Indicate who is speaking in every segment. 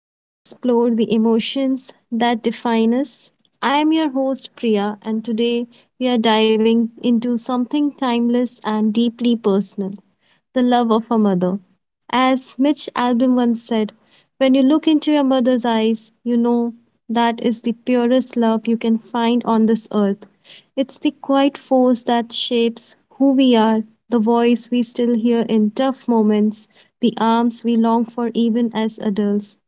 Speaker 1: where we explore the emotions that define us. I am your host, Priya, and today we are diving into something timeless and deeply personal, the love of a mother. As Mitch Albom once said, when you look into your mother's eyes, you know that is the purest love you can find on this earth. It's the quiet force that shapes who we are, the voice we still hear in tough moments, the arms we long for even as adults.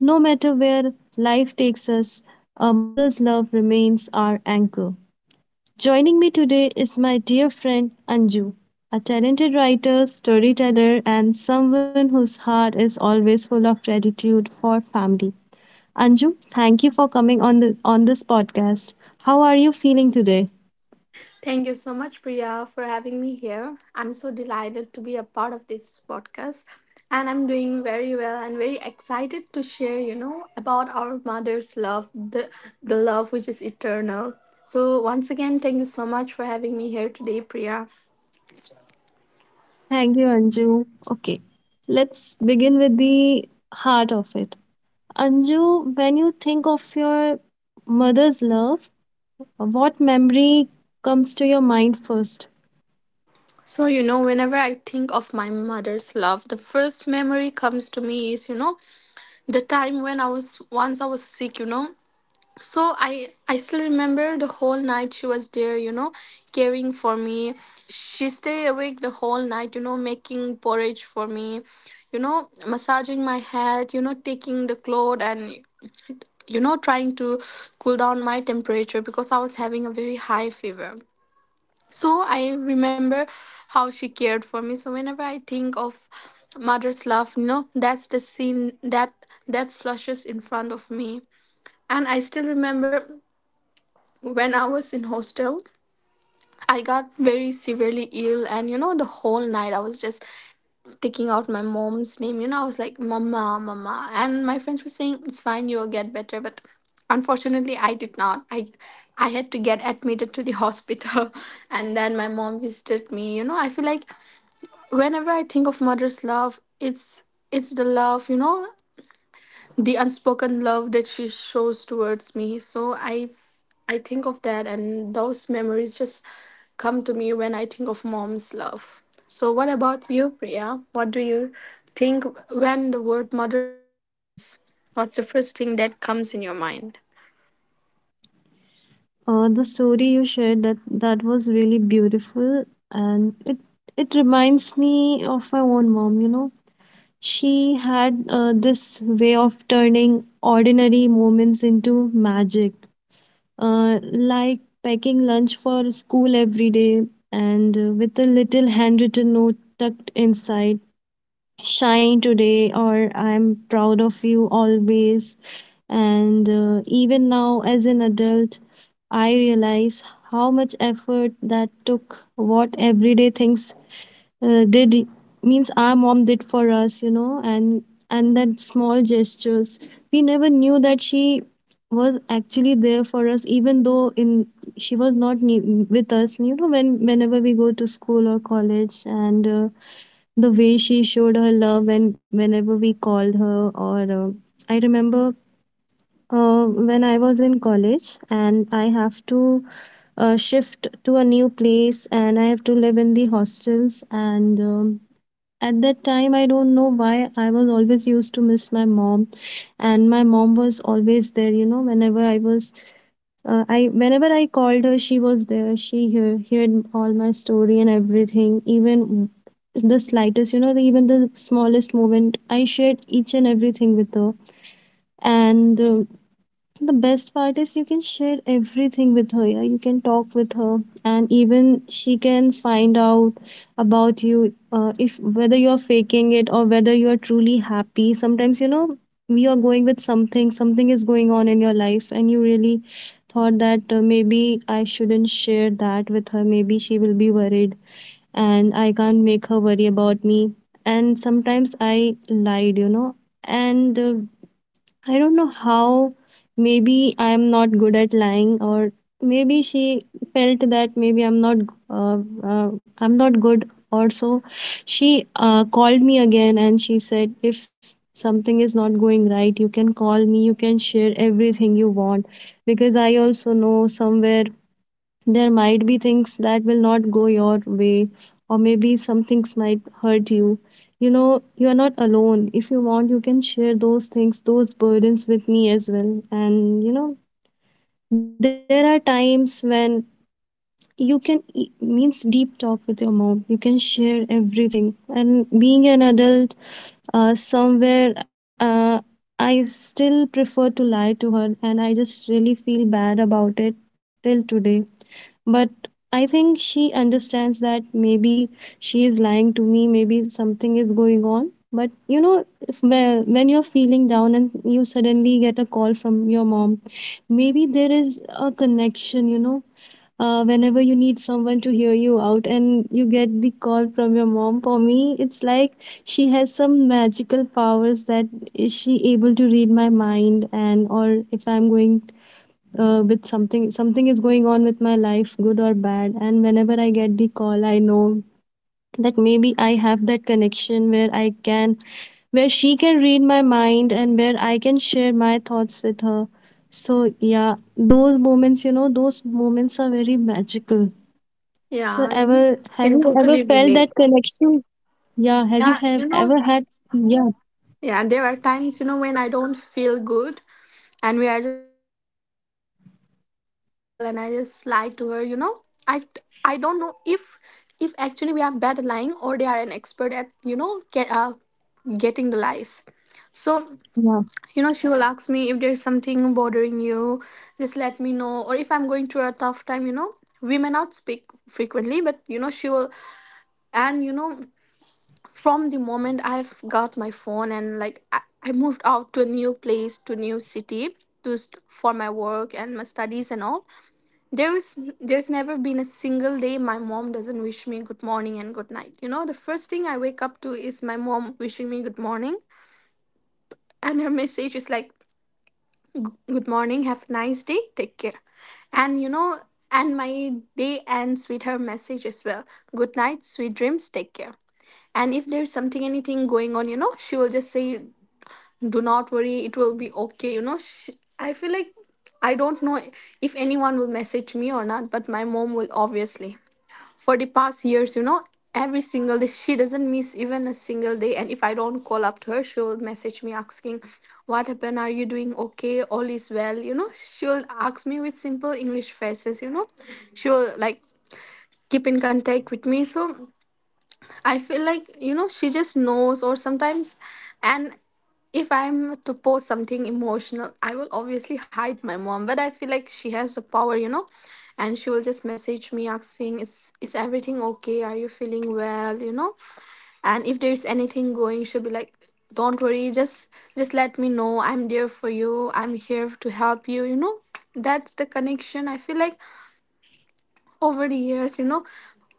Speaker 1: No matter where life takes us, our mother's love remains our anchor. Joining me today is my dear friend Anju, a talented writer, storyteller, and someone whose heart is always full of gratitude for family. Anju, thank you for coming on the on this podcast. How are you feeling today?
Speaker 2: Thank you so much, Priya, for having me here. I'm so delighted to be a part of this podcast, and I'm doing very well and very excited to share, about our mother's love, the love which is eternal. So once again, thank you so much for having me here today, Priya.
Speaker 1: Thank you, Anju. Okay, let's begin with the heart of it. Anju, when you think of your mother's love, what memory comes to your mind first?
Speaker 2: So, whenever I think of my mother's love, the first memory comes to me is, the time when I was, once I was sick. So I still remember, the whole night she was there, caring for me. She stayed awake the whole night, making porridge for me, massaging my head, taking the cloth and trying to cool down my temperature because I was having a very high fever. So I remember how she cared for me. So whenever I think of mother's love, that's the scene that flushes in front of me. And I still remember when I was in hostel, I got very severely ill, and the whole night I was just taking out my mom's name. I was like, mama, mama. And my friends were saying, it's fine, you'll get better, but unfortunately I did not. I had to get admitted to the hospital, and then my mom visited me. I feel like whenever I think of mother's love, it's the love, the unspoken love that she shows towards me. So I think of that, and those memories just come to me when I think of mom's love. So what about you, Priya? What do you think when the word mother love comes? What's the first thing that comes in your mind?
Speaker 1: The story you shared, that was really beautiful, and it reminds me of my own mom. You know, she had this way of turning ordinary moments into magic, like packing lunch for school every day, and with a little handwritten note tucked inside, shine today or I'm proud of you always. And even now, as an adult, I realize how much effort that took, what everyday things did means our mom did for us, you know, and that small gestures, we never knew that she was actually there for us, even though in she was not with us, you know, whenever we go to school or college. And the way she showed her love whenever we called her. Or uh, I remember when I was in college and I have to shift to a new place, and I have to live in the hostels. And at that time, I don't know why I was always used to miss my mom, and my mom was always there, you know. Whenever I was I whenever I called her, she was there. She heard all my story and everything, even the slightest, you know, even the smallest moment I shared, each and everything with her. And the best part is you can share everything with her. Yeah? You can talk with her, and even she can find out about you, if whether you're faking it or whether you're truly happy. Sometimes, you know, we are going with something. Something is going on in your life, and you really thought that, maybe I shouldn't share that with her. Maybe she will be worried, and I can't make her worry about me. And sometimes I lied, you know, and I don't know how. Maybe I'm not good at lying, or maybe she felt that maybe uh, I'm not good. Or so, she called me again and she said, if something is not going right, you can call me. You can share everything you want, because I also know somewhere there might be things that will not go your way, or maybe some things might hurt you. You know, you are not alone. If you want, you can share those things, those burdens with me as well. And, you know, there are times when you can e- means deep talk with your mom. You can share everything. And being an adult, somewhere I still prefer to lie to her, and I just really feel bad about it till today. But I think she understands that maybe she is lying to me, maybe something is going on. But you know, if when you're feeling down and you suddenly get a call from your mom, maybe there is a connection, you know. Whenever you need someone to hear you out and you get the call from your mom, for me it's like she has some magical powers, that is, she able to read my mind. And or if I'm going, with something, something is going on with my life, good or bad, and whenever I get the call, I know that maybe I have that connection where I can, where she can read my mind, and where I can share my thoughts with her. So yeah, those moments, you know, those moments are very magical. So
Speaker 2: Yeah,
Speaker 1: ever,
Speaker 2: you
Speaker 1: have
Speaker 2: can
Speaker 1: you ever
Speaker 2: totally
Speaker 1: felt
Speaker 2: relate.
Speaker 1: that connection? Yeah, have you
Speaker 2: Yeah.
Speaker 1: have
Speaker 2: You know.
Speaker 1: ever had? Yeah,
Speaker 2: Yeah, there are times, when I don't feel good, and we are just talking on the call, and I just lie to her, i I don't know if actually we are bad at lying, or they are an expert at, getting the lies. So,
Speaker 1: yeah.
Speaker 2: she will ask me, if there's something bothering you, just let me know. Or if I'm going through a tough time, we may not speak frequently, but she will. And from the moment I've got my phone, and like I moved out to a new place, to a new city, for my work and my studies and all, there's there's never been a single day my mom doesn't wish me good morning and good night. The first thing I wake up to is my mom wishing me good morning, and her message is like, good morning, have a nice day, take care. And and my day ends with her message as well. Good night, sweet dreams, take care. And if there's something, anything going on, she will just say, "Do not worry. It will be okay." I feel like I don't know if anyone will message me or not, but my mom will obviously, for the past years, every single day. She doesn't miss even a single day. And if I don't call up to her, she'll message me asking, what happened? Are you doing okay? All is well. She'll ask me with simple English phrases, she'll like keep in contact with me. So I feel like, she just knows. Or sometimes, and if I'm to post something emotional, I will obviously hide my mom, but I feel like she has the power, and she will just message me asking, is everything okay? Are you feeling well? And if there's anything going, she'll be like, don't worry, just let me know. I'm there for you. I'm here to help you, you know. That's the connection. I feel like over the years,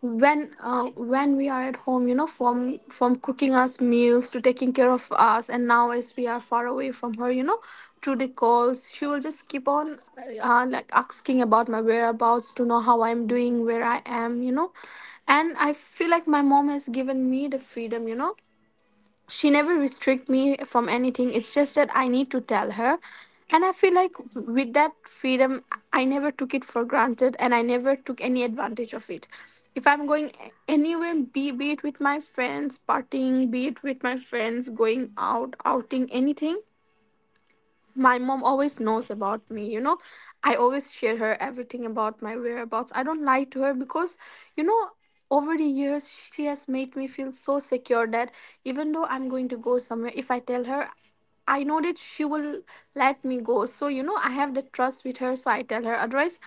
Speaker 2: when uh, when we are at home, from cooking us meals to taking care of us. And now as we are far away from her, through the calls, she will just keep on, like asking about my whereabouts to know how I'm doing, where I am. And I feel like my mom has given me the freedom, she never restrict me from anything. It's just that I need to tell her, and I feel like with that freedom, I never took it for granted, and I never took any advantage of it. If I'm going anywhere, be it with my friends partying, be it with my friends going out, outing, anything, my mom always knows about me, I always share her everything about my whereabouts. I don't lie to her because, you know over the years she has made me feel so secure that, even though I'm going to go somewhere, if I tell her, I know that she will let me go. So, I have the trust with her, so I tell her. Otherwise,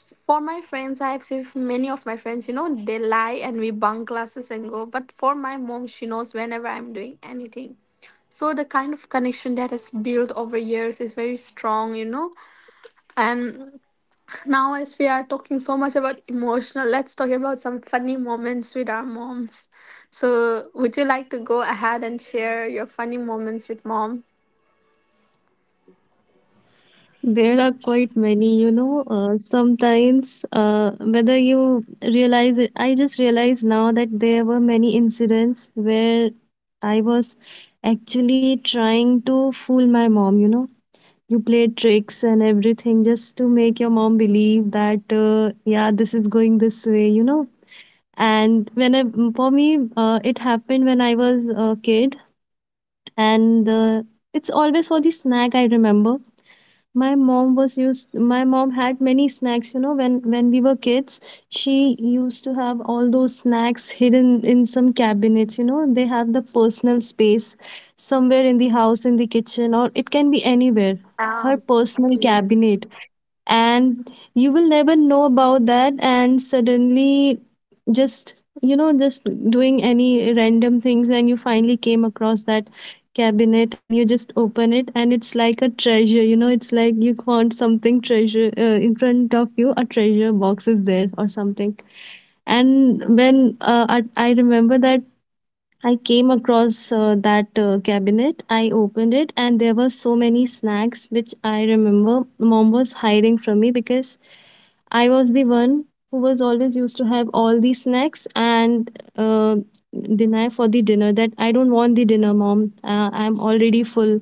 Speaker 2: for my friends, I have seen many of my friends, they lie and we bunk classes and go. But for my mom, she knows whenever I'm doing anything. So the kind of connection that is built over years is very strong. And now as we are talking so much about emotional, let's talk about some funny moments with our moms. So would you like to go ahead and share your funny moments with mom?
Speaker 1: There are quite many, you know. Sometimes, whether you realize it, I just realized now that there were many incidents where I was actually trying to fool my mom, you know. You play tricks and everything just to make your mom believe that, yeah, this is going this way, you know. And for me, it happened when I was a kid, and it's always for the snack. I remember my mom had many snacks, you know, when we were kids, she used to have all those snacks hidden in some cabinets. You know, they have the personal space somewhere in the house, in the kitchen, or it can be anywhere, her
Speaker 2: um,
Speaker 1: personal
Speaker 2: yes,
Speaker 1: cabinet, and you will never know about that. And suddenly, just, you know, just doing any random things, and you finally came across that cabinet and you just open it, and it's like a treasure. You know, it's like you found something treasure, in front of you a treasure box is there or something. And when I remember that I came across that cabinet, I opened it, and there were so many snacks which I remember mom was hiding from me because I was the one who was always used to have all the snacks, and uh, deny for the dinner, that I don't want the dinner, mom. I'm already full.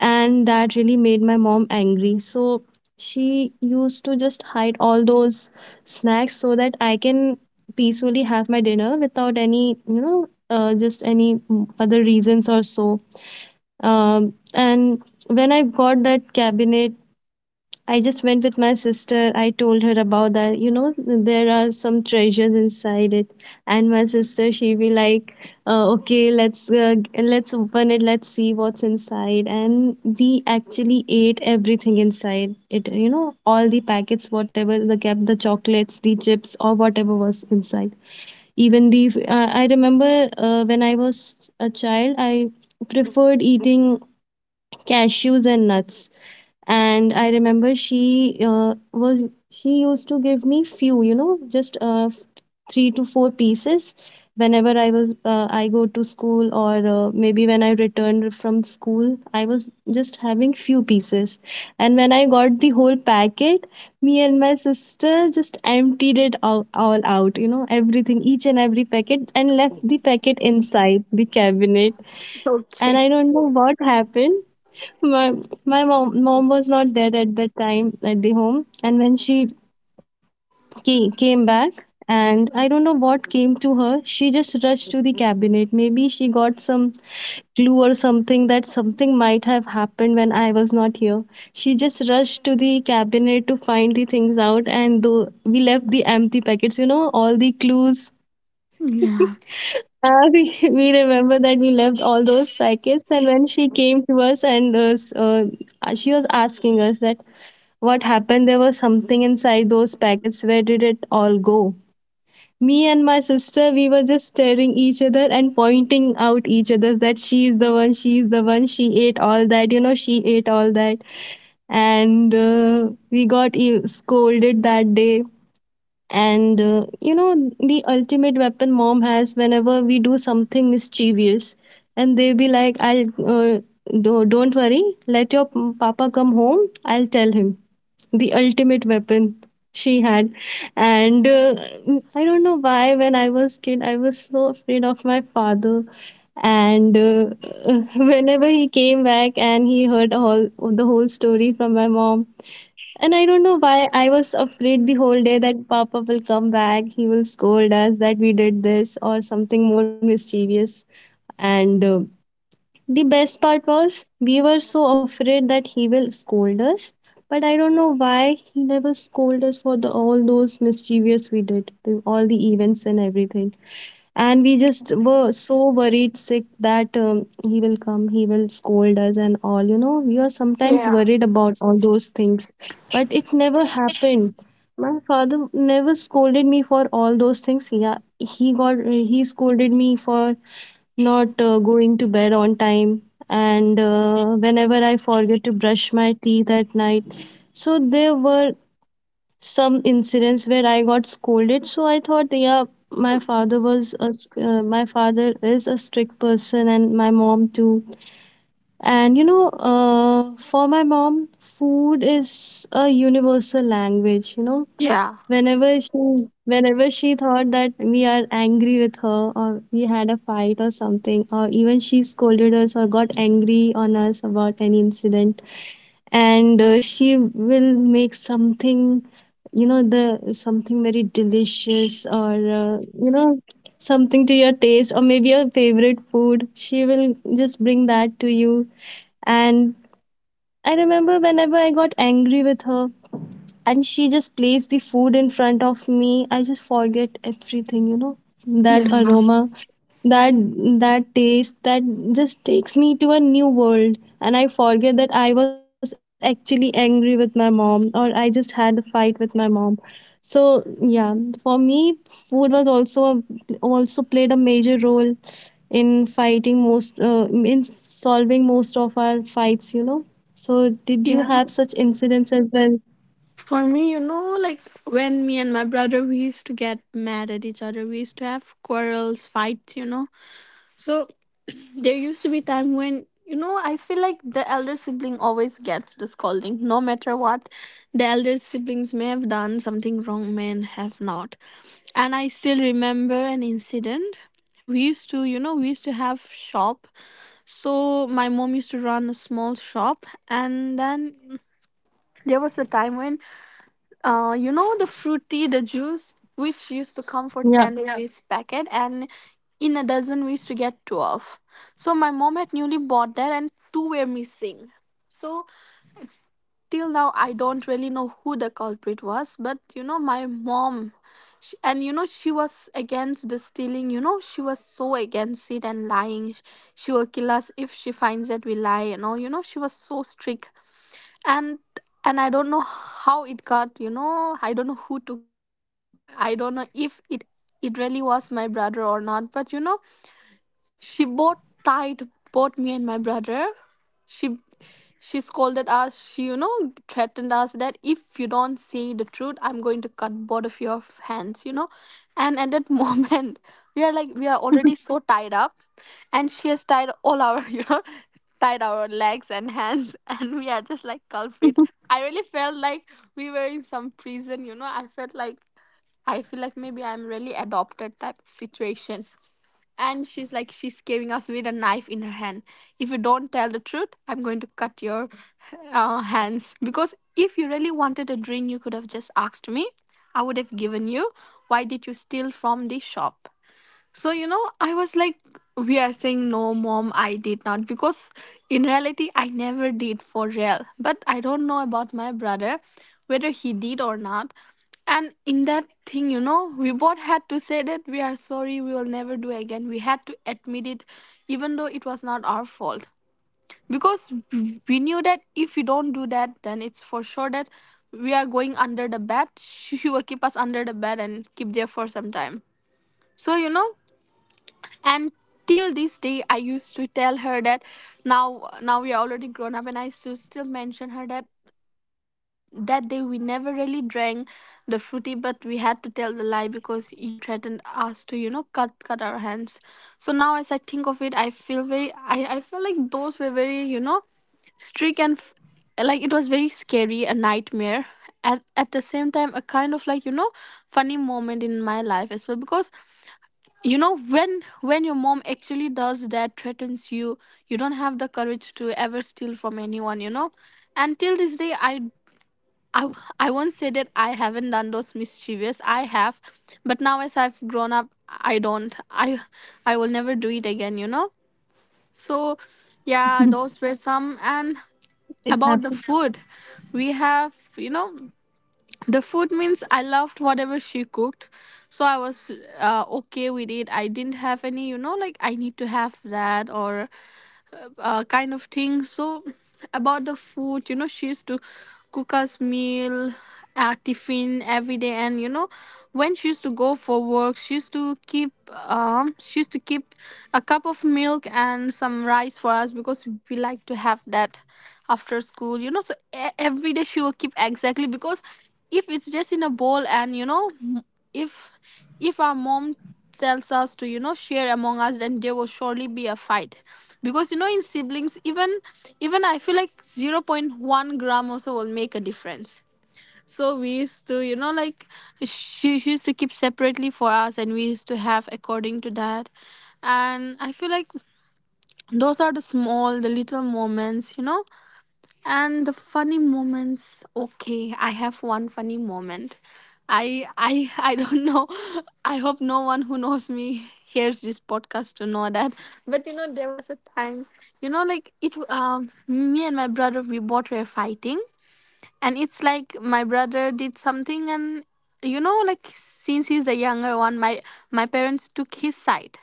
Speaker 1: And that really made my mom angry. So she used to just hide all those snacks so that I can peacefully have my dinner without any, you know, just any other reasons or so. And when I got that cabinet, I just went with my sister. I told her about that. You know, there are some treasures inside it. And my sister, she be like, "Okay, let's open it. Let's see what's inside." And we actually ate everything inside it. You know, all the packets, whatever the kept, the chocolates, the chips, or whatever was inside. Even the I remember when I was a child, I preferred eating cashews and nuts. And I remember she was she used to give me few, you know, just three to four pieces whenever I was, I go to school, or maybe when I returned from school, I was just having few pieces. And when I got the whole packet, me and my sister just emptied it all out, you know, everything, each and every packet, and left the packet inside the cabinet. And I
Speaker 2: okay.
Speaker 1: don't know what happened. my, my mom was not there at that time at the home. And when she came back, and I don't know what came to her, she just rushed to the cabinet. Maybe she got some clue or something, that something might have happened when I was not here. She just rushed to the cabinet to find the things out, and though we left the empty packets, you know, all the clues.
Speaker 2: Yeah,
Speaker 1: We, we remember that we left all those packets. And when she came to us and she was asking us that what happened, there was something inside those packets, where did it all go? Me and my sister, we were just staring each other and pointing out each other that she is the one, she is the one, she ate all that, you know, she ate all that. And we got scolded that day. And you know, the ultimate weapon mom has whenever we do something mischievous, and they'll be like, don't worry, let your papa come home, I'll tell him. The ultimate weapon she had. And I don't know why when I was kid I was so afraid of my father. And whenever he came back and he heard all the whole story from my mom, and I don't know why I was afraid the whole day, that Papa will come back, he will scold us that we did this or something more mischievous. And The best part was we were so afraid that he will scold us, but I don't know why he never scolded us for the all those mischievous we did, the, all the events and everything. And we just were so worried sick that he will come, he will scold us and all, you know, we are sometimes
Speaker 2: yeah,
Speaker 1: worried about all those things, but it never happened. My father never scolded me for all those things. Yeah, he got he scolded me for not going to bed on time, and whenever I forget to brush my teeth at night. So there were some incidents where I got scolded. So I thought, yeah, my father was my father is a strict person, and my mom too. And you know, for my mom, food is a universal language. You know,
Speaker 2: yeah,
Speaker 1: whenever she whenever she thought that we are angry with her, or we had a fight or something, or even she scolded us or got angry on us about any incident, and she will make something, you know, the something very delicious, or you know, something to your taste or maybe your favorite food. She will just bring that to you. And I remember whenever I got angry with her, and she just placed the food in front of me, I just forget everything, you know. That
Speaker 2: yeah,
Speaker 1: aroma, that that taste, that just takes me to a new world, and I forget that I was actually angry with my mom or I just had a fight with my mom. So yeah, for me food was also played a major role in fighting most in solving most of our fights, you know. So did you
Speaker 2: yeah.
Speaker 1: have such incidents as well?
Speaker 2: For me, like when me and my brother, we used to get mad at each other, we used to have quarrels, fights, so there used to be time when, I feel like the elder sibling always gets the scolding, no matter what. The elder siblings may have done something wrong, may have not. And I still remember an incident. We used to have shop. So my mom used to run a small shop, and then there was a time when, the fruity, the juice, which used to come for
Speaker 1: Yeah.
Speaker 2: 10, yeah, rupees packet, and in a dozen we used to get 12. So my mom had newly bought that, and two were missing. So till now, I don't really know who the culprit was, but my mom, she, and she was against the stealing. You know, she was so against it, and lying, she will kill us if she finds that we lie and all. You know, she was so strict. And and I don't know how it got, I don't know who took it. I don't know if it really was my brother or not, but she both tied both me and my brother. She she scolded us. She, threatened us that if you don't say the truth, I'm going to cut both of your hands. And at that moment, we are like, we are already so tied up, and she has tied all our tied our legs and hands, and we are just like culprit. I really felt like we were in some prison. You know, I felt like I feel like maybe I'm really adopted type of situation. And she's like, she's scaring us with a knife in her hand. If you don't tell the truth, I'm going to cut your, hands. Because if you really wanted a drink, you could have just asked me. I would have given you. Why did you steal from the shop? So, I was like, we are saying, no, mom, I did not. Because in reality, I never did for real. But I don't know about my brother, whether he did or not. And in that thing, we both had to say that we are sorry, we will never do again. We had to admit it, even though it was not our fault. Because we knew that if we don't do that, then it's for sure that we are going under the bed. She will keep us under the bed and keep there for some time. So, and till this day I used to tell her that now we are already grown up, and I used still mention her that uh, that day we never really drank the fruity, but we had to tell the lie because you threatened us to, cut our hands. So now as I think of it, I feel very I feel like those were very, strict and like it was very scary, a nightmare. At the same time, a kind of, like, funny moment in my life as well, because when your mom actually does that, threatens you, you don't have the courage to ever steal from anyone. And till this day i, I won't say that I haven't done those mischievous. I have. But now as I've grown up, I don't I will never do it again, so, yeah, those were some. And
Speaker 1: It happens.
Speaker 2: about the food, we have you know the food means I loved whatever she cooked. So I was okay with it. I didn't have any, like, I need to have that, or kind of thing. So about the food, she used to cook us meal, tiffin every day. And when she used to go for work, she used to keep, she used to keep a cup of milk and some rice for us because we like to have that after school. So every day she will keep exactly, because if it's just in a bowl and if if our mom tells us to, share among us, then there will surely be a fight. Because in siblings, even I feel like 0. 0.1-gram also will make a difference. So we used to, like, she used to keep separately for us, and we used to have according to that. And I feel like those are the little moments, and the funny moments. Okay, I have one funny moment. I I don't know. I hope no one who knows me hears this podcast to know that. But there was a time. Like, it me and my brother, we both were fighting. And it's like my brother did something. And like, since he's the younger one, my parents took his side.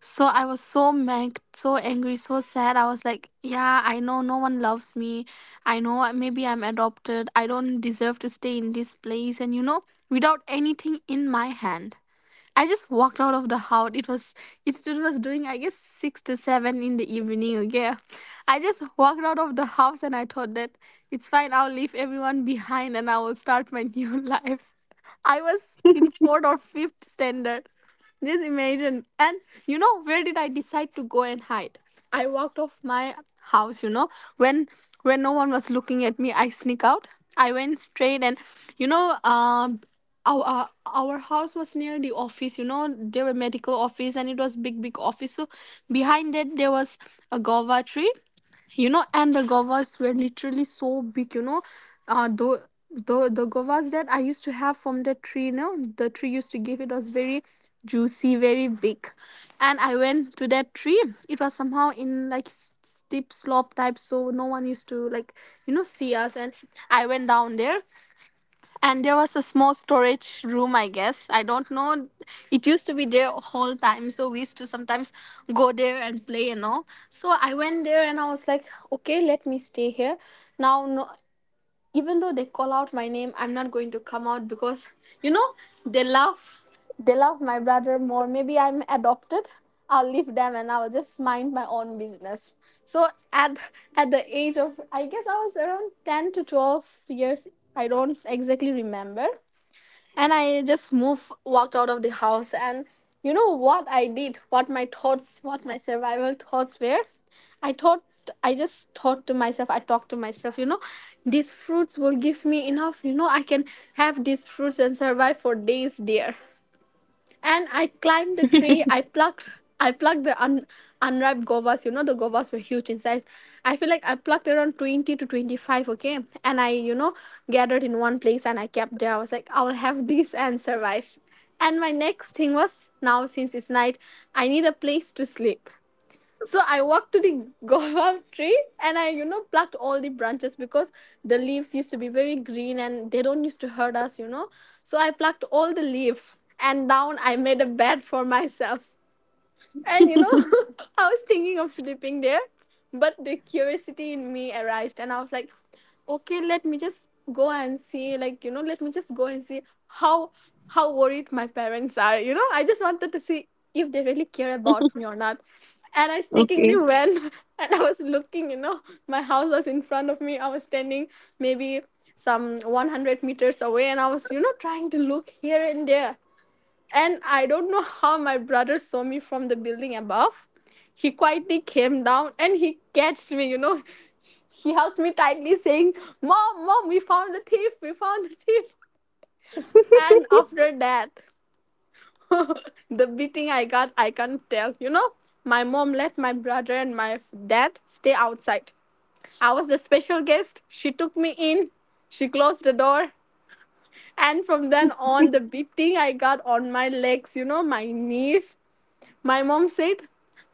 Speaker 2: So I was so mad, so angry, so sad. I was like, yeah, I know no one loves me. I know, maybe I'm adopted. I don't deserve to stay in this place. And without anything in my hand, I just walked out of the house. It was doing, I guess, 6 to 7 in the evening. Okay, I just walked out of the house, and I thought that it's fine. I'll leave everyone behind, and I will start my new life. I was in fourth or fifth standard. Just imagine. And where did I decide to go and hide? I walked off my house, when when no one was looking at me, I sneak out. I went straight, and you know, um our house was near the office. There were medical office, and it was big office. So behind that there was a guava tree, and the govas were literally so big, you know the the govas that I used to have from the tree, the tree used to give, it was very juicy, very big. And I went to that tree. It was somehow in like steep slope type, so no one used to, like, see us. And I went down there. And there was a small storage room, I guess, I don't know. It used to be there whole time, so we used to sometimes go there and play and all. So I went there, and I was like, okay, let me stay here now. No, even though they call out my name, I'm not going to come out because you know they love, they love my brother more. Maybe I'm adopted. I'll leave them, and I'll just mind my own business. So at at the age of, I guess, I was around 10 to 12 years. I don't exactly remember. And I just moved, walked out of the house. And what I did? What my thoughts, what my survival thoughts were? I thought, I just thought to myself, I talked to myself, these fruits will give me enough. I can have these fruits and survive for days there. And I climbed the tree. I plucked the unripe govas. The govas were huge in size. I feel like I plucked around 20 to 25. Okay, and I, gathered in one place, and I kept there. I was like, I'll have this and survive. And my next thing was, now, since it's night, I need a place to sleep. So I walked to the guava tree, and I, plucked all the branches because the leaves used to be very green and they don't used to hurt us, So I plucked all the leaves, and down I made a bed for myself. And I was thinking of sleeping there. But the curiosity in me arised, and I was like, okay, let me just go and see, like, let me just go and see how how worried my parents are. I just wanted to see if they really care about me or not. And I
Speaker 1: Okay.
Speaker 2: sneakingly went, and I was looking. My house was in front of me. I was standing maybe some 100 meters away, and I was, trying to look here and there. And I don't know how my brother saw me from the building above. He quietly came down, and he catched me, He held me tightly, saying, Mom, Mom, we found the thief, we found the thief. And after that, the beating I got, I can't tell. My mom let my brother and my dad stay outside. I was the special guest. She took me in, she closed the door. And from then on, the beating I got on my legs, my knees. My mom said,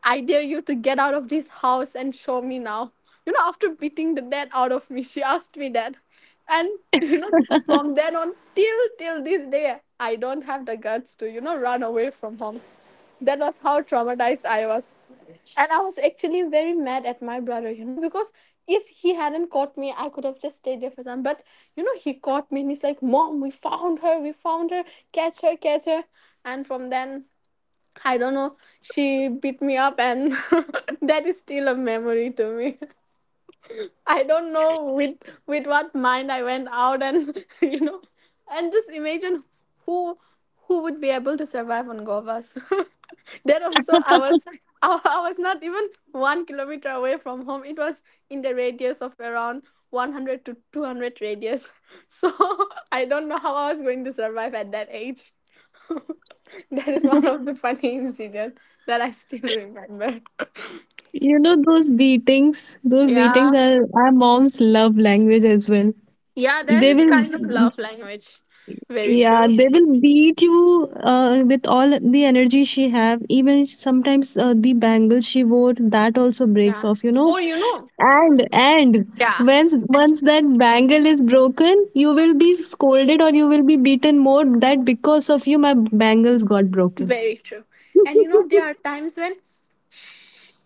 Speaker 2: I dare you to get out of this house and show me now. After beating the dad out of me, she asked me that. And you know, from then on, till till this day, I don't have the guts to, run away from home. That was how traumatized I was. And I was actually very mad at my brother, because if he hadn't caught me, I could have just stayed there for some. But he caught me, and he's like, Mom, we found her, catch her, catch her. And from then I don't know. She beat me up, and that is still a memory to me. I don't know with what mind I went out, and and just imagine, who who would be able to survive on govas. That also, I was I was not even 1 kilometer away from home. It was in the radius of around 100 to 200 radius. So I don't know how I was going to survive at that age. That is one of the funny incident that I still remember.
Speaker 1: You know those beatings
Speaker 2: Yeah.
Speaker 1: are our mom's love language as well.
Speaker 2: Yeah, that
Speaker 1: They
Speaker 2: is
Speaker 1: will,
Speaker 2: kind of love language. Very
Speaker 1: yeah,
Speaker 2: true.
Speaker 1: they will beat you with all the energy she have. Even sometimes the bangle she wore, that also
Speaker 2: Yeah.
Speaker 1: breaks off, you
Speaker 2: Or
Speaker 1: know. And
Speaker 2: yeah,
Speaker 1: once once that bangle is broken, you will be scolded or you will be beaten more that because of you my bangles got broken.
Speaker 2: very true. And there are times when,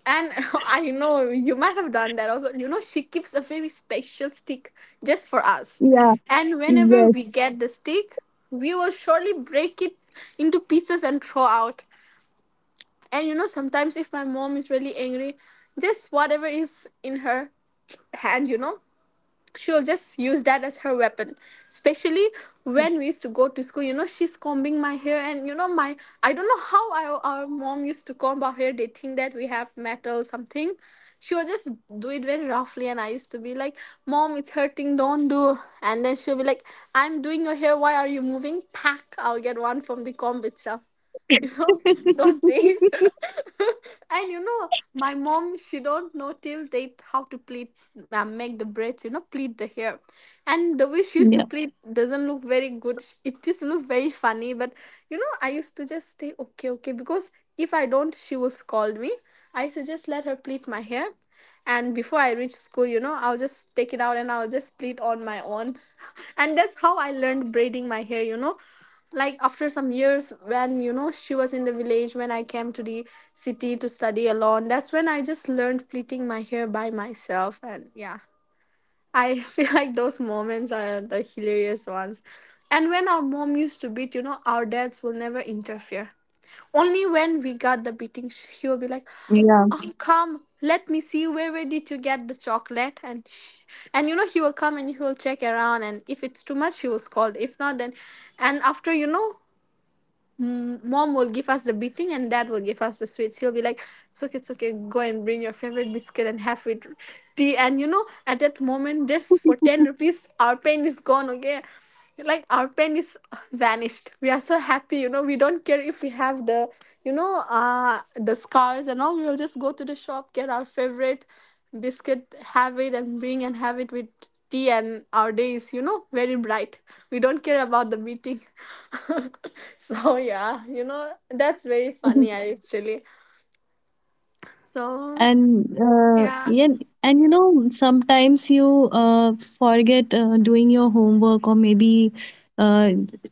Speaker 2: and I know you might have done that also. She keeps a very special stick just for us.
Speaker 1: Yeah,
Speaker 2: And whenever we
Speaker 1: yes.
Speaker 2: get the stick, we will surely break it into pieces and throw out. And sometimes if my mom is really angry, just whatever is in her hand, she'll just use that as her weapon, especially when we used to go to school. She's combing my hair, and you know my I don't know how our mom used to comb our hair. They think that we have metal or something. She will just do it very roughly, and I used to be like, Mom, it's hurting, don't do. And then she'll be like, I'm doing your hair, why are you moving? Pack, I'll get one from the comb itself. you know those days. And my mom, she don't know till date how to pleat, make the braids, pleat the hair. And the way she used to
Speaker 1: Yeah,
Speaker 2: pleat doesn't look very good. It just look very funny. But I used to just say, okay, okay, because if I don't she will scold me. I used to just let her pleat my hair, and before I reach school, I'll just take it out and I'll just pleat on my own. And that's how I learned braiding my hair, like after some years when she was in the village, when I came to the city to study alone. That's when I just learned pleating my hair by myself. And yeah, I feel like those moments are the hilarious ones. And when our mom used to beat, our dads will never interfere. Only when we got the
Speaker 1: yeah.
Speaker 2: beating, he will be like, oh come, let me see, where did you get the chocolate? And he will come and he will check around, and if it's too much he will scold, if not then. And after mom will give us the beating and dad will give us the sweets. He'll be like, it's okay, it's okay, go and bring your favorite biscuit and have with tea. And at that moment, just for 10 rupees, our pain is gone, okay? Like, our pain is vanished. We are so happy, we don't care if we have the scars and all. We'll just go to the shop, get our favorite biscuit, have it and bring and have it with tea, and our day is very bright. We don't care about the meeting. So yeah, that's very
Speaker 1: Mhm.
Speaker 2: funny actually. So
Speaker 1: And
Speaker 2: yeah.
Speaker 1: Yeah, and you know, sometimes you forget doing your homework, or maybe uh,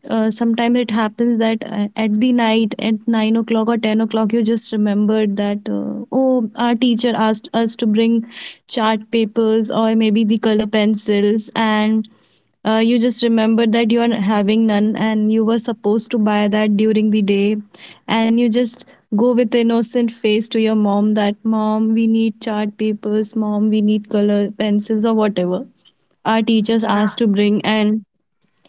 Speaker 1: sometimes it happens that at the night, at 9 o'clock or 10 o'clock, you just remembered that oh, our teacher asked us to bring chart papers or maybe the color pencils, and you just remember that you are having none and you were supposed to buy that during the day. And you just go with innocent face to your mom that, mom, we need chart papers, mom, we need color pencils or whatever our teachers asked to bring. And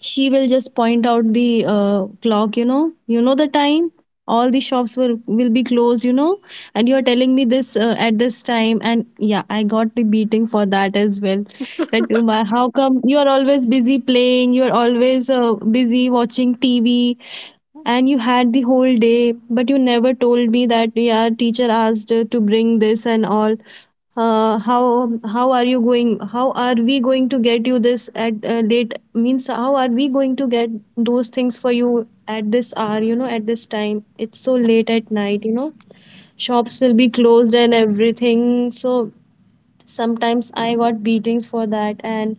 Speaker 1: she will just point out the clock, you know, you know the time, all the shops were will be closed, you know, and you are telling me this at this time. And yeah, I got the beating for that as well, that, Uma, how come you are always busy playing, you are always busy watching TV, and you had the whole day but you never told me that, yeah, teacher asked to bring this and all. How how are you going, how are we going to get you this at late means, how are we going to get those things for you at this hour, you know, at this time it's so late at night, you know, shops will be closed and everything. So sometimes I got beatings for that. And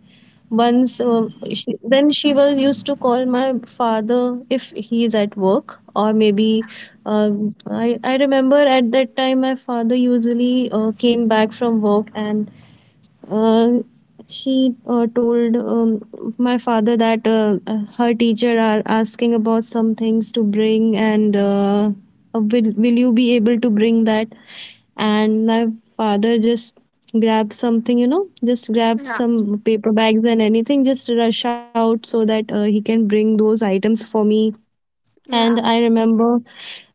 Speaker 1: once she, then she was used to call my father if he is at work, or maybe I remember at that time my father usually came back from work, and uh, she told my father that her teacher are asking about some things to bring, and will you be able to bring that. And my father just grabbed something, you know, just grab
Speaker 2: Yeah.
Speaker 1: some paper bags and anything, just rush out so that he can bring those items for me. And
Speaker 2: Yeah.
Speaker 1: I remember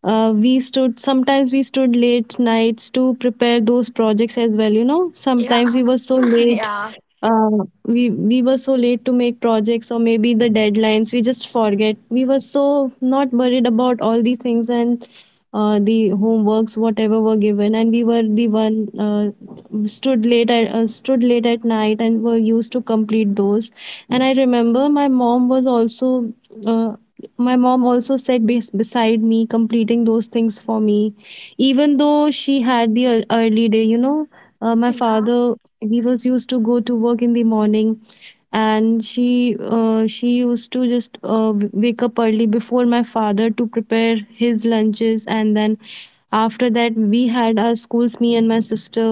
Speaker 1: sometimes we stood late nights to prepare those projects as well, you know. Sometimes we
Speaker 2: Yeah.
Speaker 1: were so late.
Speaker 2: Yeah.
Speaker 1: Uh, we were so late to make projects or maybe the deadlines we just forget, we were so not worried about all these things. And the homeworks whatever were given, and we were the one stood late at night and were used to complete those. And I remember my mom was also, uh, my mom also sat beside me completing those things for me, even though she had the early day, you know. My
Speaker 2: Yeah.
Speaker 1: father, he was used to go to work in the morning. And she used to just wake up early before my father to prepare his lunches. And then after that we had our schools, me and my sister,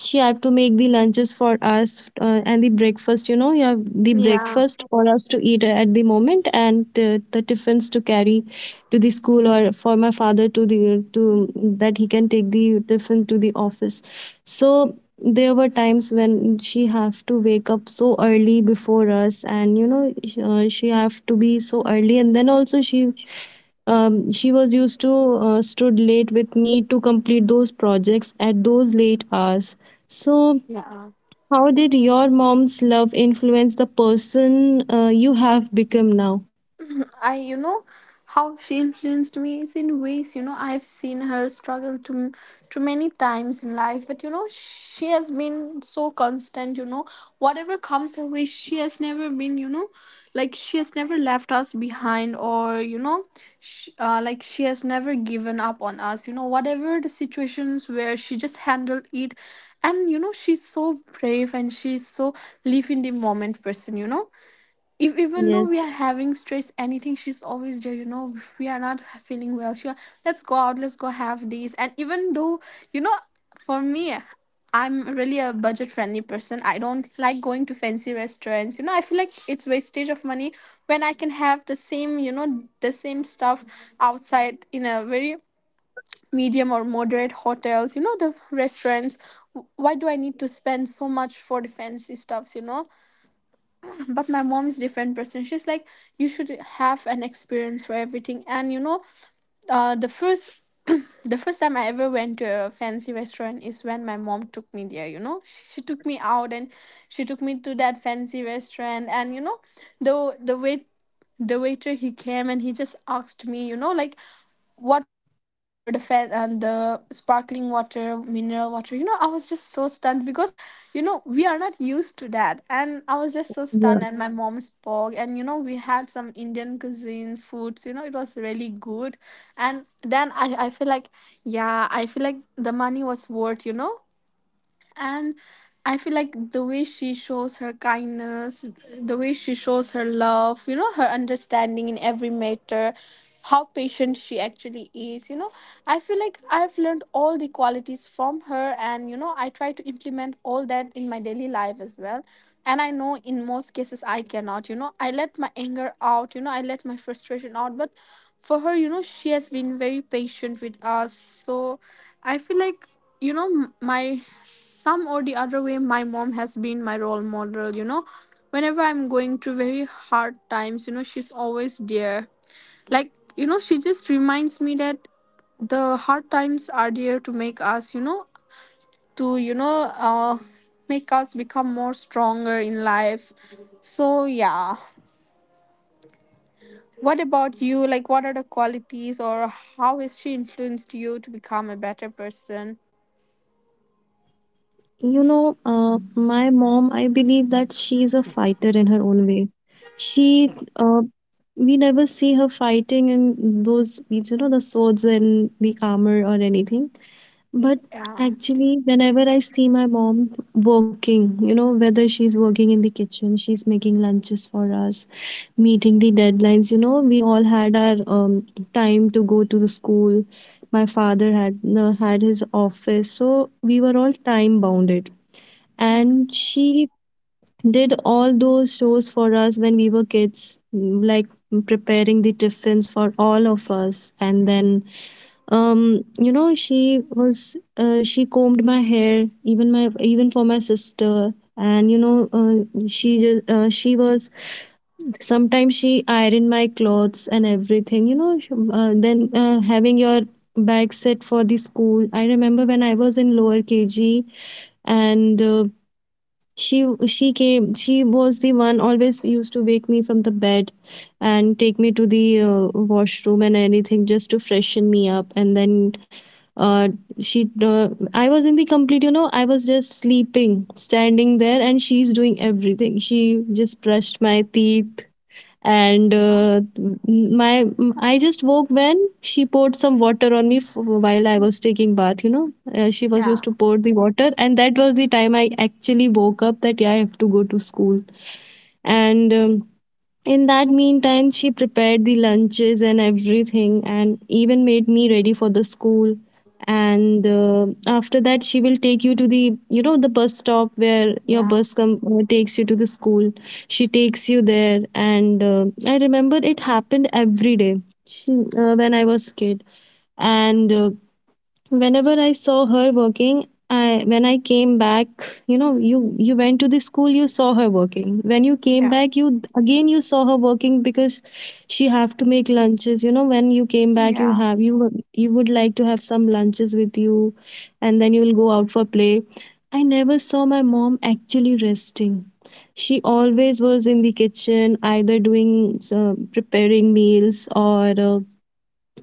Speaker 1: she have to make the lunches for us, and the breakfast, you know, you have the
Speaker 2: Yeah.
Speaker 1: breakfast for us to eat at the moment, and the tiffins to carry to the school, or for my father to the to that he can take the tiffin to the office. So there were times when she have to wake up so early before us, and you know, she have to be so early. And then also she, she was used to stood late with me to complete those projects at those late hours. So,
Speaker 2: Yeah.
Speaker 1: how did your mom's love influence the person you have become now?
Speaker 2: I, you know, how she influenced me is in ways, I've seen her struggle too many times in life, but she has been so constant. Whatever comes her way, she has never been, like she has never left us behind, or sh like she has never given up on us. Whatever the situations, where she just handled it. And, she's so brave, and she's so live in the moment person. If, Even though we are
Speaker 1: Yes,
Speaker 2: having stress, anything, she's always there. We are not feeling well, sure, let's go out, let's go have this. And even though, you know for me, I'm really a budget friendly person. I don't like going to fancy restaurants. I feel like it's wastage of money when I can have the same, the same stuff outside, in a very medium or moderate hotels, the restaurants. Why do I need to spend so much for the fancy stuffs. But my mom is different person. She's like, you should have an experience for everything. And the first the first time I ever went to a fancy restaurant is when my mom took me there. She took me out, and she took me to that fancy restaurant. And the the wait the waiter, he came and he just asked me, like, what would you prefer, the fan and the sparkling water, mineral water. I was just so stunned because, we are not used to that. And I was just so stunned. And
Speaker 1: yeah.
Speaker 2: my, mhm, mom spoke. And we had some Indian cuisine foods. It was really good. And then I feel like, yeah, I feel like the money was worth. And I feel like the way she shows her kindness, the way she shows her love, her understanding in every matter, how patient she actually is. I feel like I've learned all the qualities from her, and I try to implement all that in my daily life as well. And I know in most cases I cannot, I let my anger out, I let my frustration out. But for her, she has been very patient with us. So I feel like, you know my some or the other way, my mom has been my role model. Whenever I'm going through very hard times, she's always there. Like she just reminds me that the hard times are there to make us, you know to you know uh make us become more stronger in life. So yeah, what about you? Like, what are the qualities, or how has she influenced you to become a better person?
Speaker 1: You know, my mom, I believe that she is a fighter in her own way. She, uh, we never see her fighting in those, you know, the swords and the armor or anything. But
Speaker 2: Yeah.
Speaker 1: actually, whenever I see my mom working, you know, whether she's working in the kitchen, she's making lunches for us, meeting the deadlines, you know, we all had our time to go to the school. My father had had his office, so we were all time bounded. And she did all those chores for us when we were kids, like preparing the tiffins for all of us. And then you know she was she combed my hair, even my even for my sister. And you know, she was, sometimes she ironed my clothes and everything, you know, then having your bag set for the school. I remember when I was in lower KG, and she came, she was the one always used to wake me from the bed and take me to the washroom and anything just to freshen me up. And then uh, she I was in the complete, you know, I was just sleeping standing there and she's doing everything, she just brushed my teeth. And my I just woke when she poured some water on me while I was taking bath. You know, she was
Speaker 2: Yeah.
Speaker 1: used to pour the water, and that was the time I actually woke up that, yeah, I have to go to school. And in that meantime she prepared the lunches and everything, and even made me ready for the school. And after that she will take you to the, you know, the bus stop where your
Speaker 2: Yeah.
Speaker 1: bus come takes you to the school. She takes you there. And I remember it happened every day. she, when I was kid, and whenever I saw her working, I when I came back, you know, you went to the school, you saw her working, when you came
Speaker 2: Yeah.
Speaker 1: back, you again you saw her working, because she have to make lunches, you know, when you came back you
Speaker 2: Yeah.
Speaker 1: have you would like to have some lunches with you, and then you will go out for play. I never saw my mom actually resting. She always was in the kitchen, either doing uh, preparing meals, or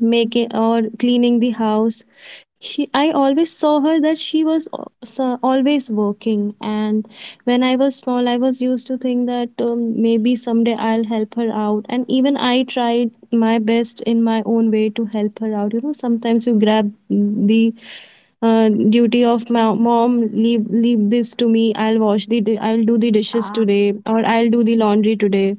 Speaker 1: making or cleaning the house. She, I always saw her that she was always working. And when I was small, I was used to think that, maybe someday I'll help her out. And even I tried my best in my own way to help her out, you know. Sometimes you grab the duty of my mom, leave, this to me, I'll wash I'll do the dishes
Speaker 2: Yeah.
Speaker 1: today, or I'll do the laundry today.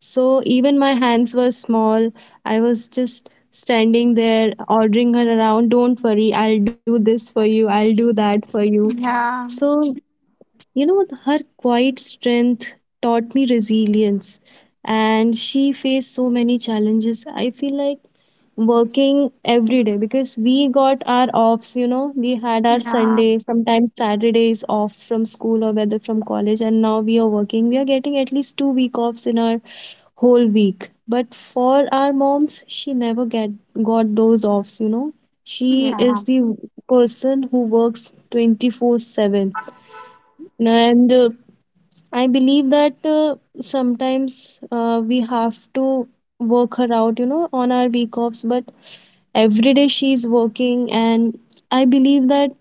Speaker 1: So even my hands were small, I was just standing there ordering her around, don't worry, I'll do this for you, I'll do that for you.
Speaker 2: Yeah.
Speaker 1: So, you know, her quiet strength taught me resilience. And she faced so many challenges. I feel like working every day, because we got our offs, you know, we had our
Speaker 2: Yeah.
Speaker 1: Sundays, sometimes Saturdays off from school or whether from college, and now we are working. We are getting at least 2 week offs in our whole week. But for our moms, she never get got those offs, you know. She
Speaker 2: Yeah.
Speaker 1: is the person who works 24/7 and I believe that sometimes we have to work her out, you know, on our week offs. But every day she's working, and I believe that.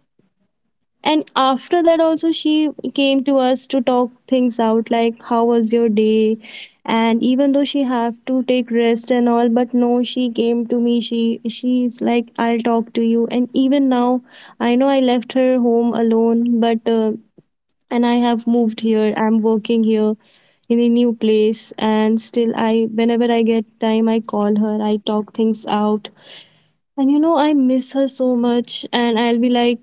Speaker 1: And after that, also, she came to us to talk things out like, how was your day? And even though she have to take rest and all, but no, she came to me. She's like, I'll talk to you. And even now, I know I left her home alone, but and I have moved here. I'm working here in a new place, and still I whenever I get time, I call her. I talk things out. And you know, I miss her so much, and I'll be like,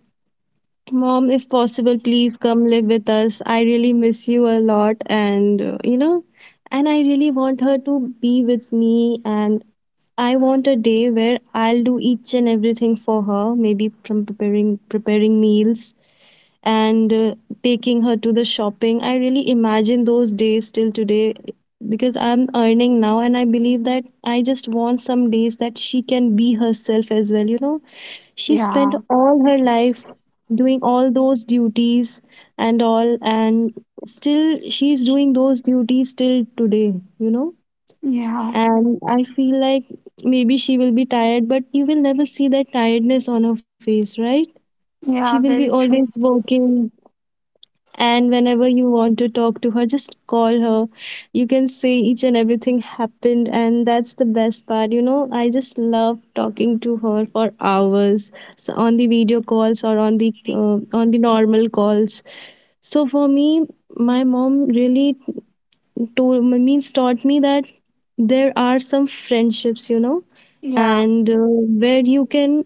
Speaker 1: mom, if possible, please come live with us. I really miss you a lot, and you know, and I really want her to be with me. And I want a day where I'll do each and everything for her, maybe from preparing meals and taking her to the shopping. I really imagine those days till today, because I'm earning now and I believe that I just want some days that she can be herself as well. You know, she spent
Speaker 2: Yeah.
Speaker 1: all her life doing all those duties and all, and still she's doing those duties till today, you know.
Speaker 2: Yeah.
Speaker 1: And I feel like maybe she will be tired, but you will never see that tiredness on her face, right? She
Speaker 2: Yeah.
Speaker 1: will be
Speaker 2: Very
Speaker 1: always
Speaker 2: true.
Speaker 1: working, and whenever you want to talk to her, just call her. You can say each and everything happened, and that's the best part. You know, I just love talking to her for hours, so on the video calls, or on the normal calls. So for me, my mom really told means taught me that there are some friendships, you know,
Speaker 2: Yeah.
Speaker 1: and where you can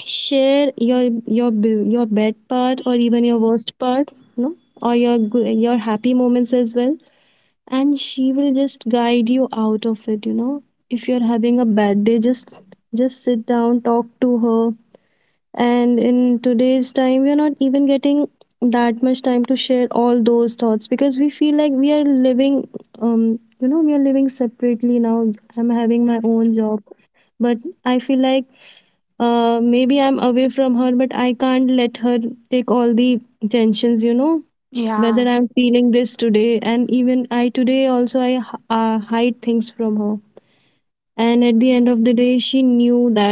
Speaker 1: share your bad part, or even your worst part, no, or your your happy moments as well. And she will just guide you out of it. You know, if you're having a bad day, just sit down, talk to her. And in today's time, we're not even getting that much time to share all those thoughts, because we feel like we are living, you know, we are living separately now. I'm having my own job, but I feel like, maybe I'm away from her, but I can't let her take all the tensions, you know, whether
Speaker 2: Yeah.
Speaker 1: I'm feeling this today. And even I today also, I hide things from her. And at the end of the day, she knew that,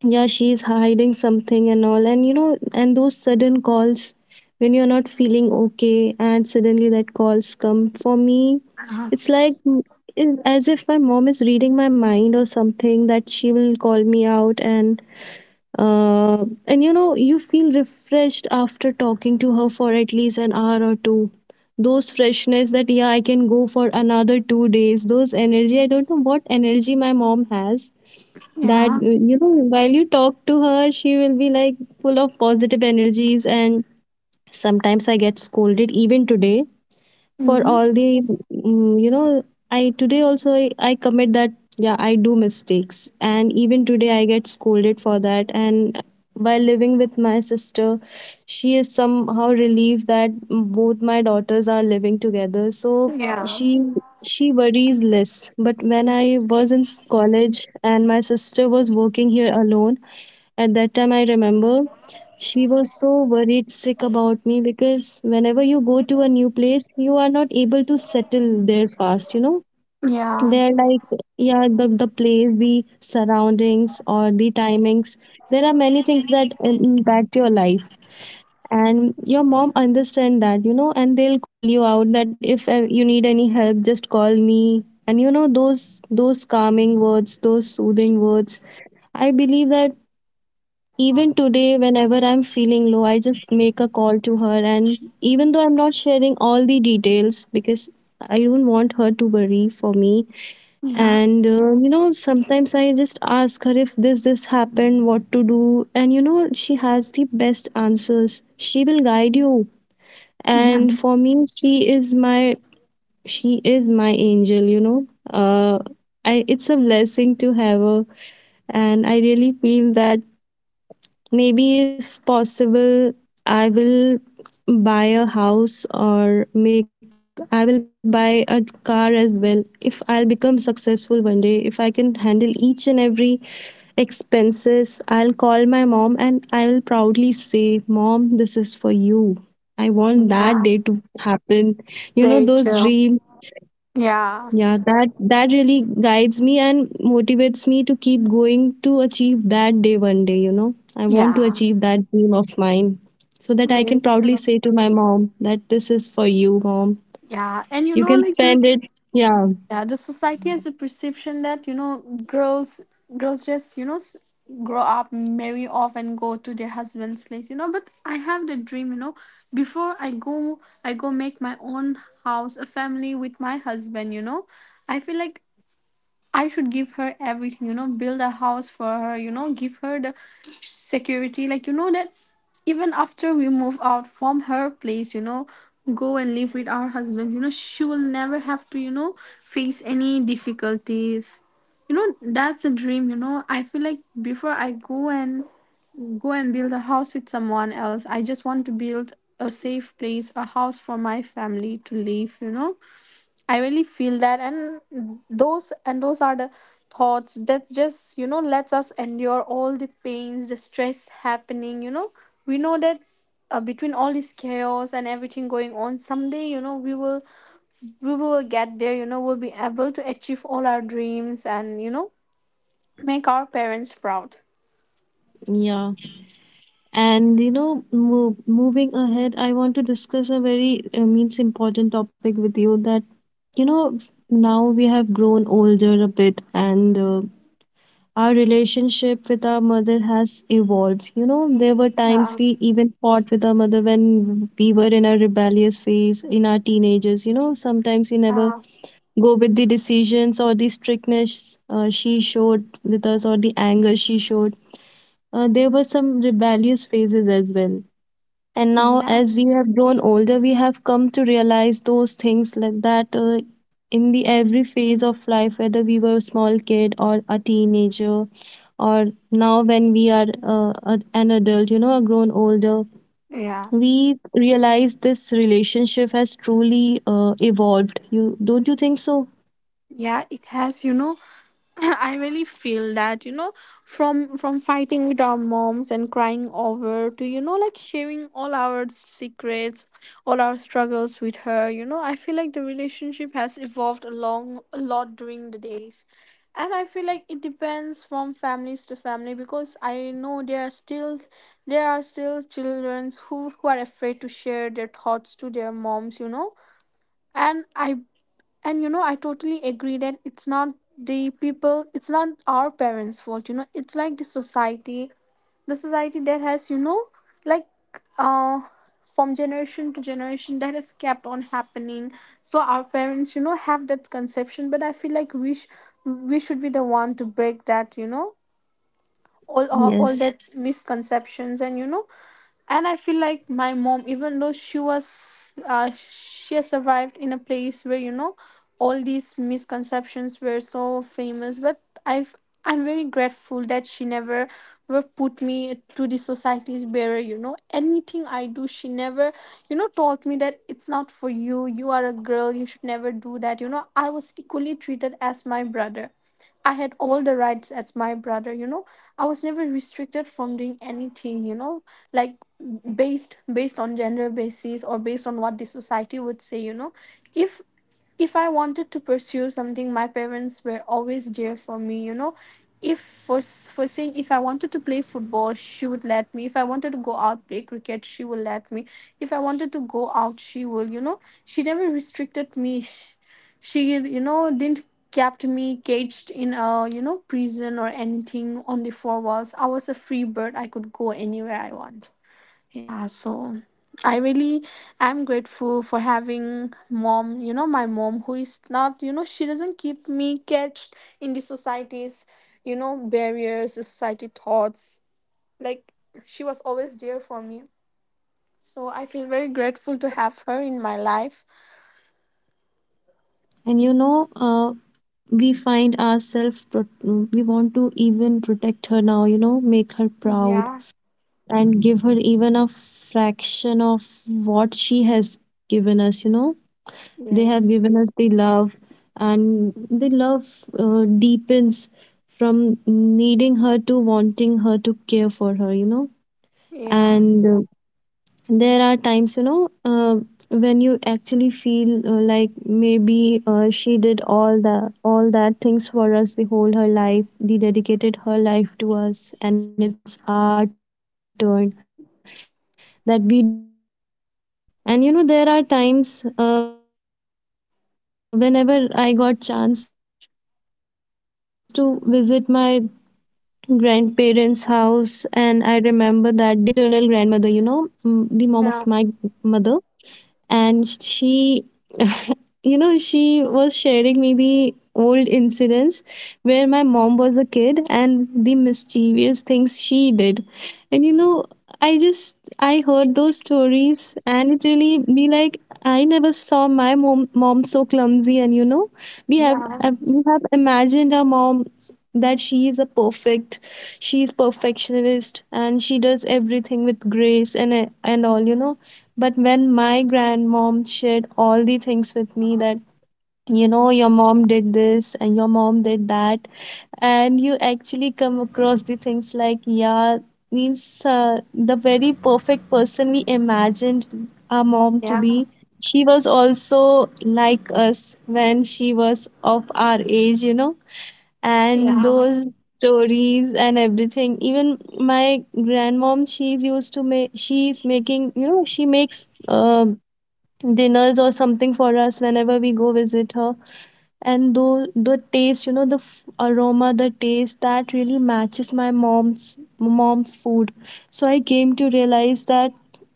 Speaker 1: yeah, she's hiding something and all. And, you know, and those sudden calls when you're not feeling okay and suddenly that calls come for me,
Speaker 2: Uh,
Speaker 1: it's like, as if my mom is reading my mind or something, that she will call me out. And you know, you feel refreshed after talking to her for at least an hour or two. Those freshness that, yeah, I can go for another two days. Those energy, I don't know what energy my mom has. That,
Speaker 2: yeah.
Speaker 1: you know, while you talk to her, she will be like full of positive energies. And sometimes I get scolded, even today, for
Speaker 2: Mm.
Speaker 1: all the you know, I commit that, yeah, I do mistakes, and even today I get scolded for that. And while living with my sister, she is somehow relieved that both my daughters are living together, so
Speaker 2: Yeah.
Speaker 1: she she worries less. But when I was in college and my sister was working here alone, at that time, I remember she was so worried sick about me, because whenever you go to a new place, you are not able to settle there fast, you know.
Speaker 2: Yeah.
Speaker 1: They're like, yeah, the place, the surroundings, or the timings. There are many things that impact your life. And your mom understand that, you know, and they'll call you out that if you need any help, just call me. And you know, those calming words, those soothing words, I believe that even today, whenever I'm feeling low, I just make a call to her. And even though I'm not sharing all the details, because I don't want her to worry for me.
Speaker 2: Yeah.
Speaker 1: And, you know, sometimes I just ask her, if this happened, what to do. And, you know, she has the best answers. She will guide you.
Speaker 2: Yeah.
Speaker 1: And for me, she is my angel, you know. It's a blessing to have her, and I really feel that, maybe if possible, I will buy a house or make I will buy a car as well. If I'll become successful one day, if I can handle each and every expenses, I'll call my mom and I will proudly say, "Mom, this is for you." I want that day
Speaker 2: Yeah.
Speaker 1: to happen. You know,
Speaker 2: Very
Speaker 1: those
Speaker 2: true.
Speaker 1: dreams,
Speaker 2: Yeah.
Speaker 1: yeah, that really guides me and motivates me to keep going to achieve that day one day, you know. I want to
Speaker 2: Yeah.
Speaker 1: achieve that dream of mine, so that I
Speaker 2: Very
Speaker 1: can proudly
Speaker 2: true.
Speaker 1: say to my mom that this is for you, mom.
Speaker 2: Yeah. And
Speaker 1: You can
Speaker 2: like the.
Speaker 1: spend it. Yeah.
Speaker 2: Yeah, the society has a perception that girls girls just grow up, marry off, and go to their husband's place. But I have the dream. Before I go make my own house, a family with my husband. I feel like I should give her everything. Build a house for her. Give her the security. Like that even after we move out from her place, go and live with our husbands, she will never have to face any difficulties. That's a dream. I feel like before I go and build a house with someone else, I just want to build a safe place, a house for my family to live. I really feel that. And those are the thoughts that just lets us endure all the pains, the stress happening. We know that between all this chaos and everything going on, someday we will get there. We'll be able to achieve all our dreams, and make our parents proud.
Speaker 1: Yeah. And you know, moving ahead, I want to discuss a very means important topic with you, that you know, now we have grown older a bit, and our relationship with our mother has evolved. You know, there were times
Speaker 2: Yeah.
Speaker 1: we even fought with our mother when we were in our rebellious phase in our teenagers. You know, sometimes we never
Speaker 2: Uh,
Speaker 1: go with the decisions or the strictness she showed with us, or the anger she showed. There were some rebellious phases as well, and now
Speaker 2: yeah.
Speaker 1: as we have grown older, we have come to realize those things, like that in the every phase of life, whether we were a small kid or a teenager, or now when we are an adult, you know, a grown older,
Speaker 2: Yeah.
Speaker 1: we realize this relationship has truly evolved. You don't you think so?
Speaker 2: Yeah. It has. I really feel that, from fighting with our moms and crying over to, like sharing all our secrets, all our struggles with her, I feel like the relationship has evolved along a lot during the days. And I feel like it depends from families to family, because I know there are still children who are afraid to share their thoughts to their moms, you know. And I I totally agree that it's not the people, it's not our parents fault. It's like the society, that has, like uh from generation to generation that has kept on happening. So our parents, have that conception, but I feel like we should be the one to break that, all
Speaker 1: Yes.
Speaker 2: that misconceptions and you know And I feel like my mom, even though she has survived in a place where, all these misconceptions were so famous. But i've I'm very grateful that she never were put me to the society's barrier. Anything I do, she never, told me that, it's not for you, you are a girl, you should never do that. I was equally treated as my brother. I had all the rights as my brother. I was never restricted from doing anything, like based on gender basis, or based on what the society would say. If I wanted to pursue something, my parents were always there for me. If For for saying, if I wanted to play football, she would let me. If I wanted to go out play cricket, she would let me. If I wanted to go out, she will. She never restricted me. She didn't kept me caged in a, prison, or anything on the four walls. I was a free bird, I could go anywhere I want, yeah. So I really am grateful for having mom, my mom, who is not, she doesn't keep me caged in the society's, barriers, the society thoughts. Like, she was always there for me, so I feel very grateful to have her in my life.
Speaker 1: And you know, we find ourselves we want to even protect her now, you know, make her proud,
Speaker 2: Yeah.
Speaker 1: and give her even a fraction of what she has given us, you know. They have
Speaker 2: Yes.
Speaker 1: given us the love, and the love deepens from needing her to wanting her, to care for her, you know.
Speaker 2: Yeah.
Speaker 1: And there are times, you know, when you actually feel like maybe she did all that things for us the whole her life. They dedicated her life to us, and it's our turn that we do something for her. And you know, there are times, whenever I got chance to visit my grandparents house, and I remember that day, uh, once I went to my maternal grandmother, you know, the mom of my
Speaker 2: Yeah.
Speaker 1: mother. And she, you know, she was sharing me the old incidents where my mom was a kid, and the mischievous things she did. And you know, I heard those stories, and it really be like, I never saw my mom so clumsy. And you know, we
Speaker 2: Yeah,
Speaker 1: we have imagined our mom that she is a perfect, she is perfectionist, and she does everything with grace and all, you know. But when my grandmom shared all the things with me, that, you know, your mom did this and your mom did that, and you actually come across the things, like, yeah, means, the very perfect person we imagined our mom to
Speaker 2: yeah,
Speaker 1: be, she was also like us when she was of our age, you know. And
Speaker 2: yeah,
Speaker 1: those stories and everything, even my grandmom, she's making, you know, she makes, dinners or something for us whenever we go visit her. And though the taste, you know, the aroma, the taste that really matches my mom's food. So I came to realize that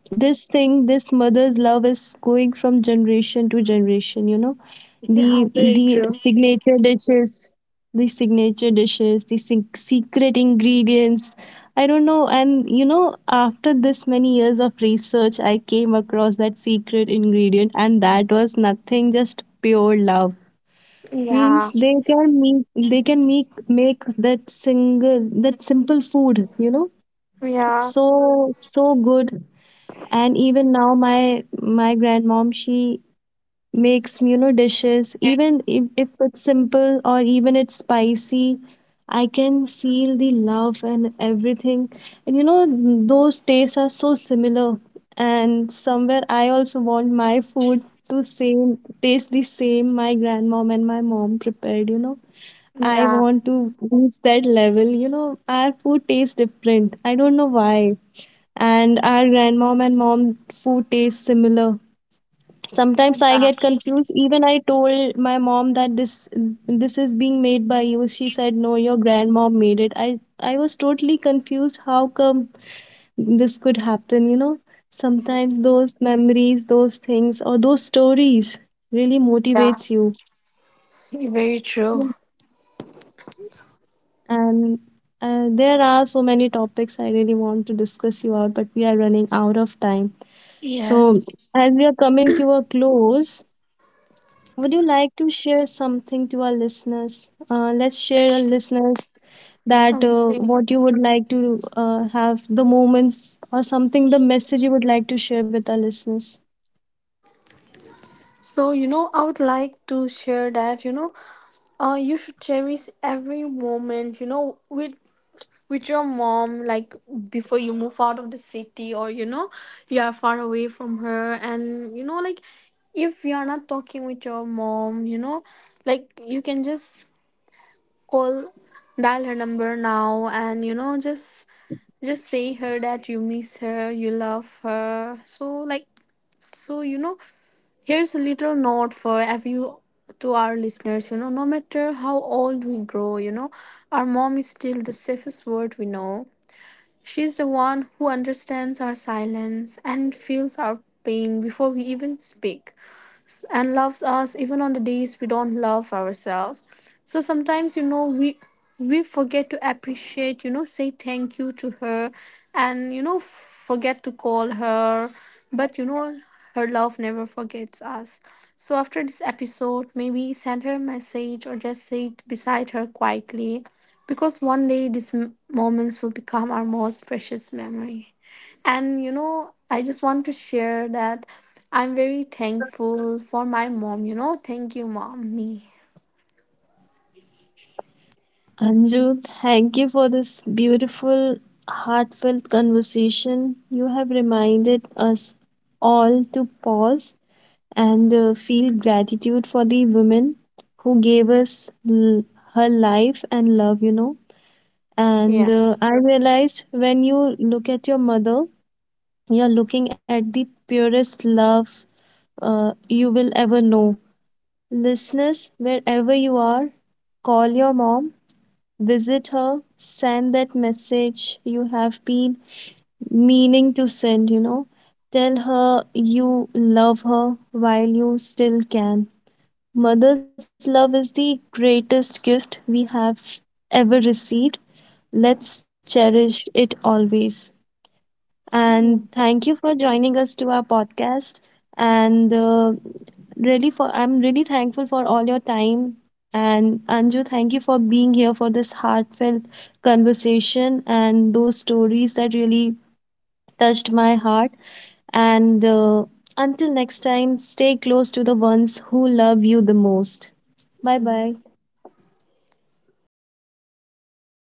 Speaker 1: this thing, this mother's love is going from generation to generation, you know. the
Speaker 2: yeah, very
Speaker 1: the
Speaker 2: true.
Speaker 1: signature dishes, the signature dishes, the secret ingredients, I don't know. And you know, after this many years of research, I came across that secret ingredient, and that was nothing, just pure love.
Speaker 2: Yeah,
Speaker 1: Means, they can make, they can make that single, that simple food, you know,
Speaker 2: yeah,
Speaker 1: so so good. And even now my grandmom, she makes, you know, dishes, even if it's simple or even it's spicy, I can feel the love and everything. And you know, those tastes are so similar. And somewhere I also want my food to same taste the same my grandmom and my mom prepared, you know. I
Speaker 2: yeah,
Speaker 1: want to reach that level. You know, our food tastes different. I don't know why. And our grandmom and mom food tastes similar. Sometimes I
Speaker 2: yeah,
Speaker 1: get confused. Even I told my mom that this is being made by you. She said, "No, your grandmom made it." I was totally confused. How come this could happen? You know, sometimes those memories, those things, or those stories really
Speaker 2: yeah,
Speaker 1: motivates you.
Speaker 2: very true.
Speaker 1: And there are so many topics I really want to discuss you out, but we are running out of time. So,
Speaker 2: Yes.
Speaker 1: as we are coming to a close, would you like to share something to our listeners? Let's share a listener that
Speaker 2: Okay.
Speaker 1: what you would like to have the moments or something, the message you would like to share with our listeners.
Speaker 2: So, I would like to share that, you should cherish every moment, with your mom. Like, before you move out of the city, or you are far away from her, and, like if you are not talking with your mom, like you can just call dial her number now, and just say her that you miss her, you love her. So, like so you know Here's a little note for every to our listeners. No matter how old we grow, our mom is still the safest word we know. She's the one who understands our silence and feels our pain before we even speak, and loves us even on the days we don't love ourselves. So sometimes, we forget to appreciate, say thank you to her, and forget to call her. But her love never forgets us. So after this episode, maybe send her a message, or just sit beside her quietly, because one day these moments will become our most precious memory. And I just want to share that I'm very thankful for my mom. Thank you, mommy.
Speaker 1: Anju, thank you for this beautiful, heartfelt conversation. You have reminded us all to pause and feel gratitude for the woman who gave us her life and love, you know.
Speaker 2: Yeah.
Speaker 1: And I realized, when you look at your mother, you're looking at the purest love you will ever know. Listeners, wherever you are, call your mom, visit her, send that message you have been meaning to send, you know. Tell her you love her while you still can. Mother's love is the greatest gift we have ever received. Let's cherish it always. And
Speaker 2: Mm.
Speaker 1: thank you for joining us to our podcast. And really, for I'm really thankful for all your time. And Anju, thank you for being here for this heartfelt conversation, and those stories that really touched my heart. And until next time, stay close to the ones who love you the most. Bye
Speaker 2: Mm.
Speaker 1: bye.
Speaker 2: Oh,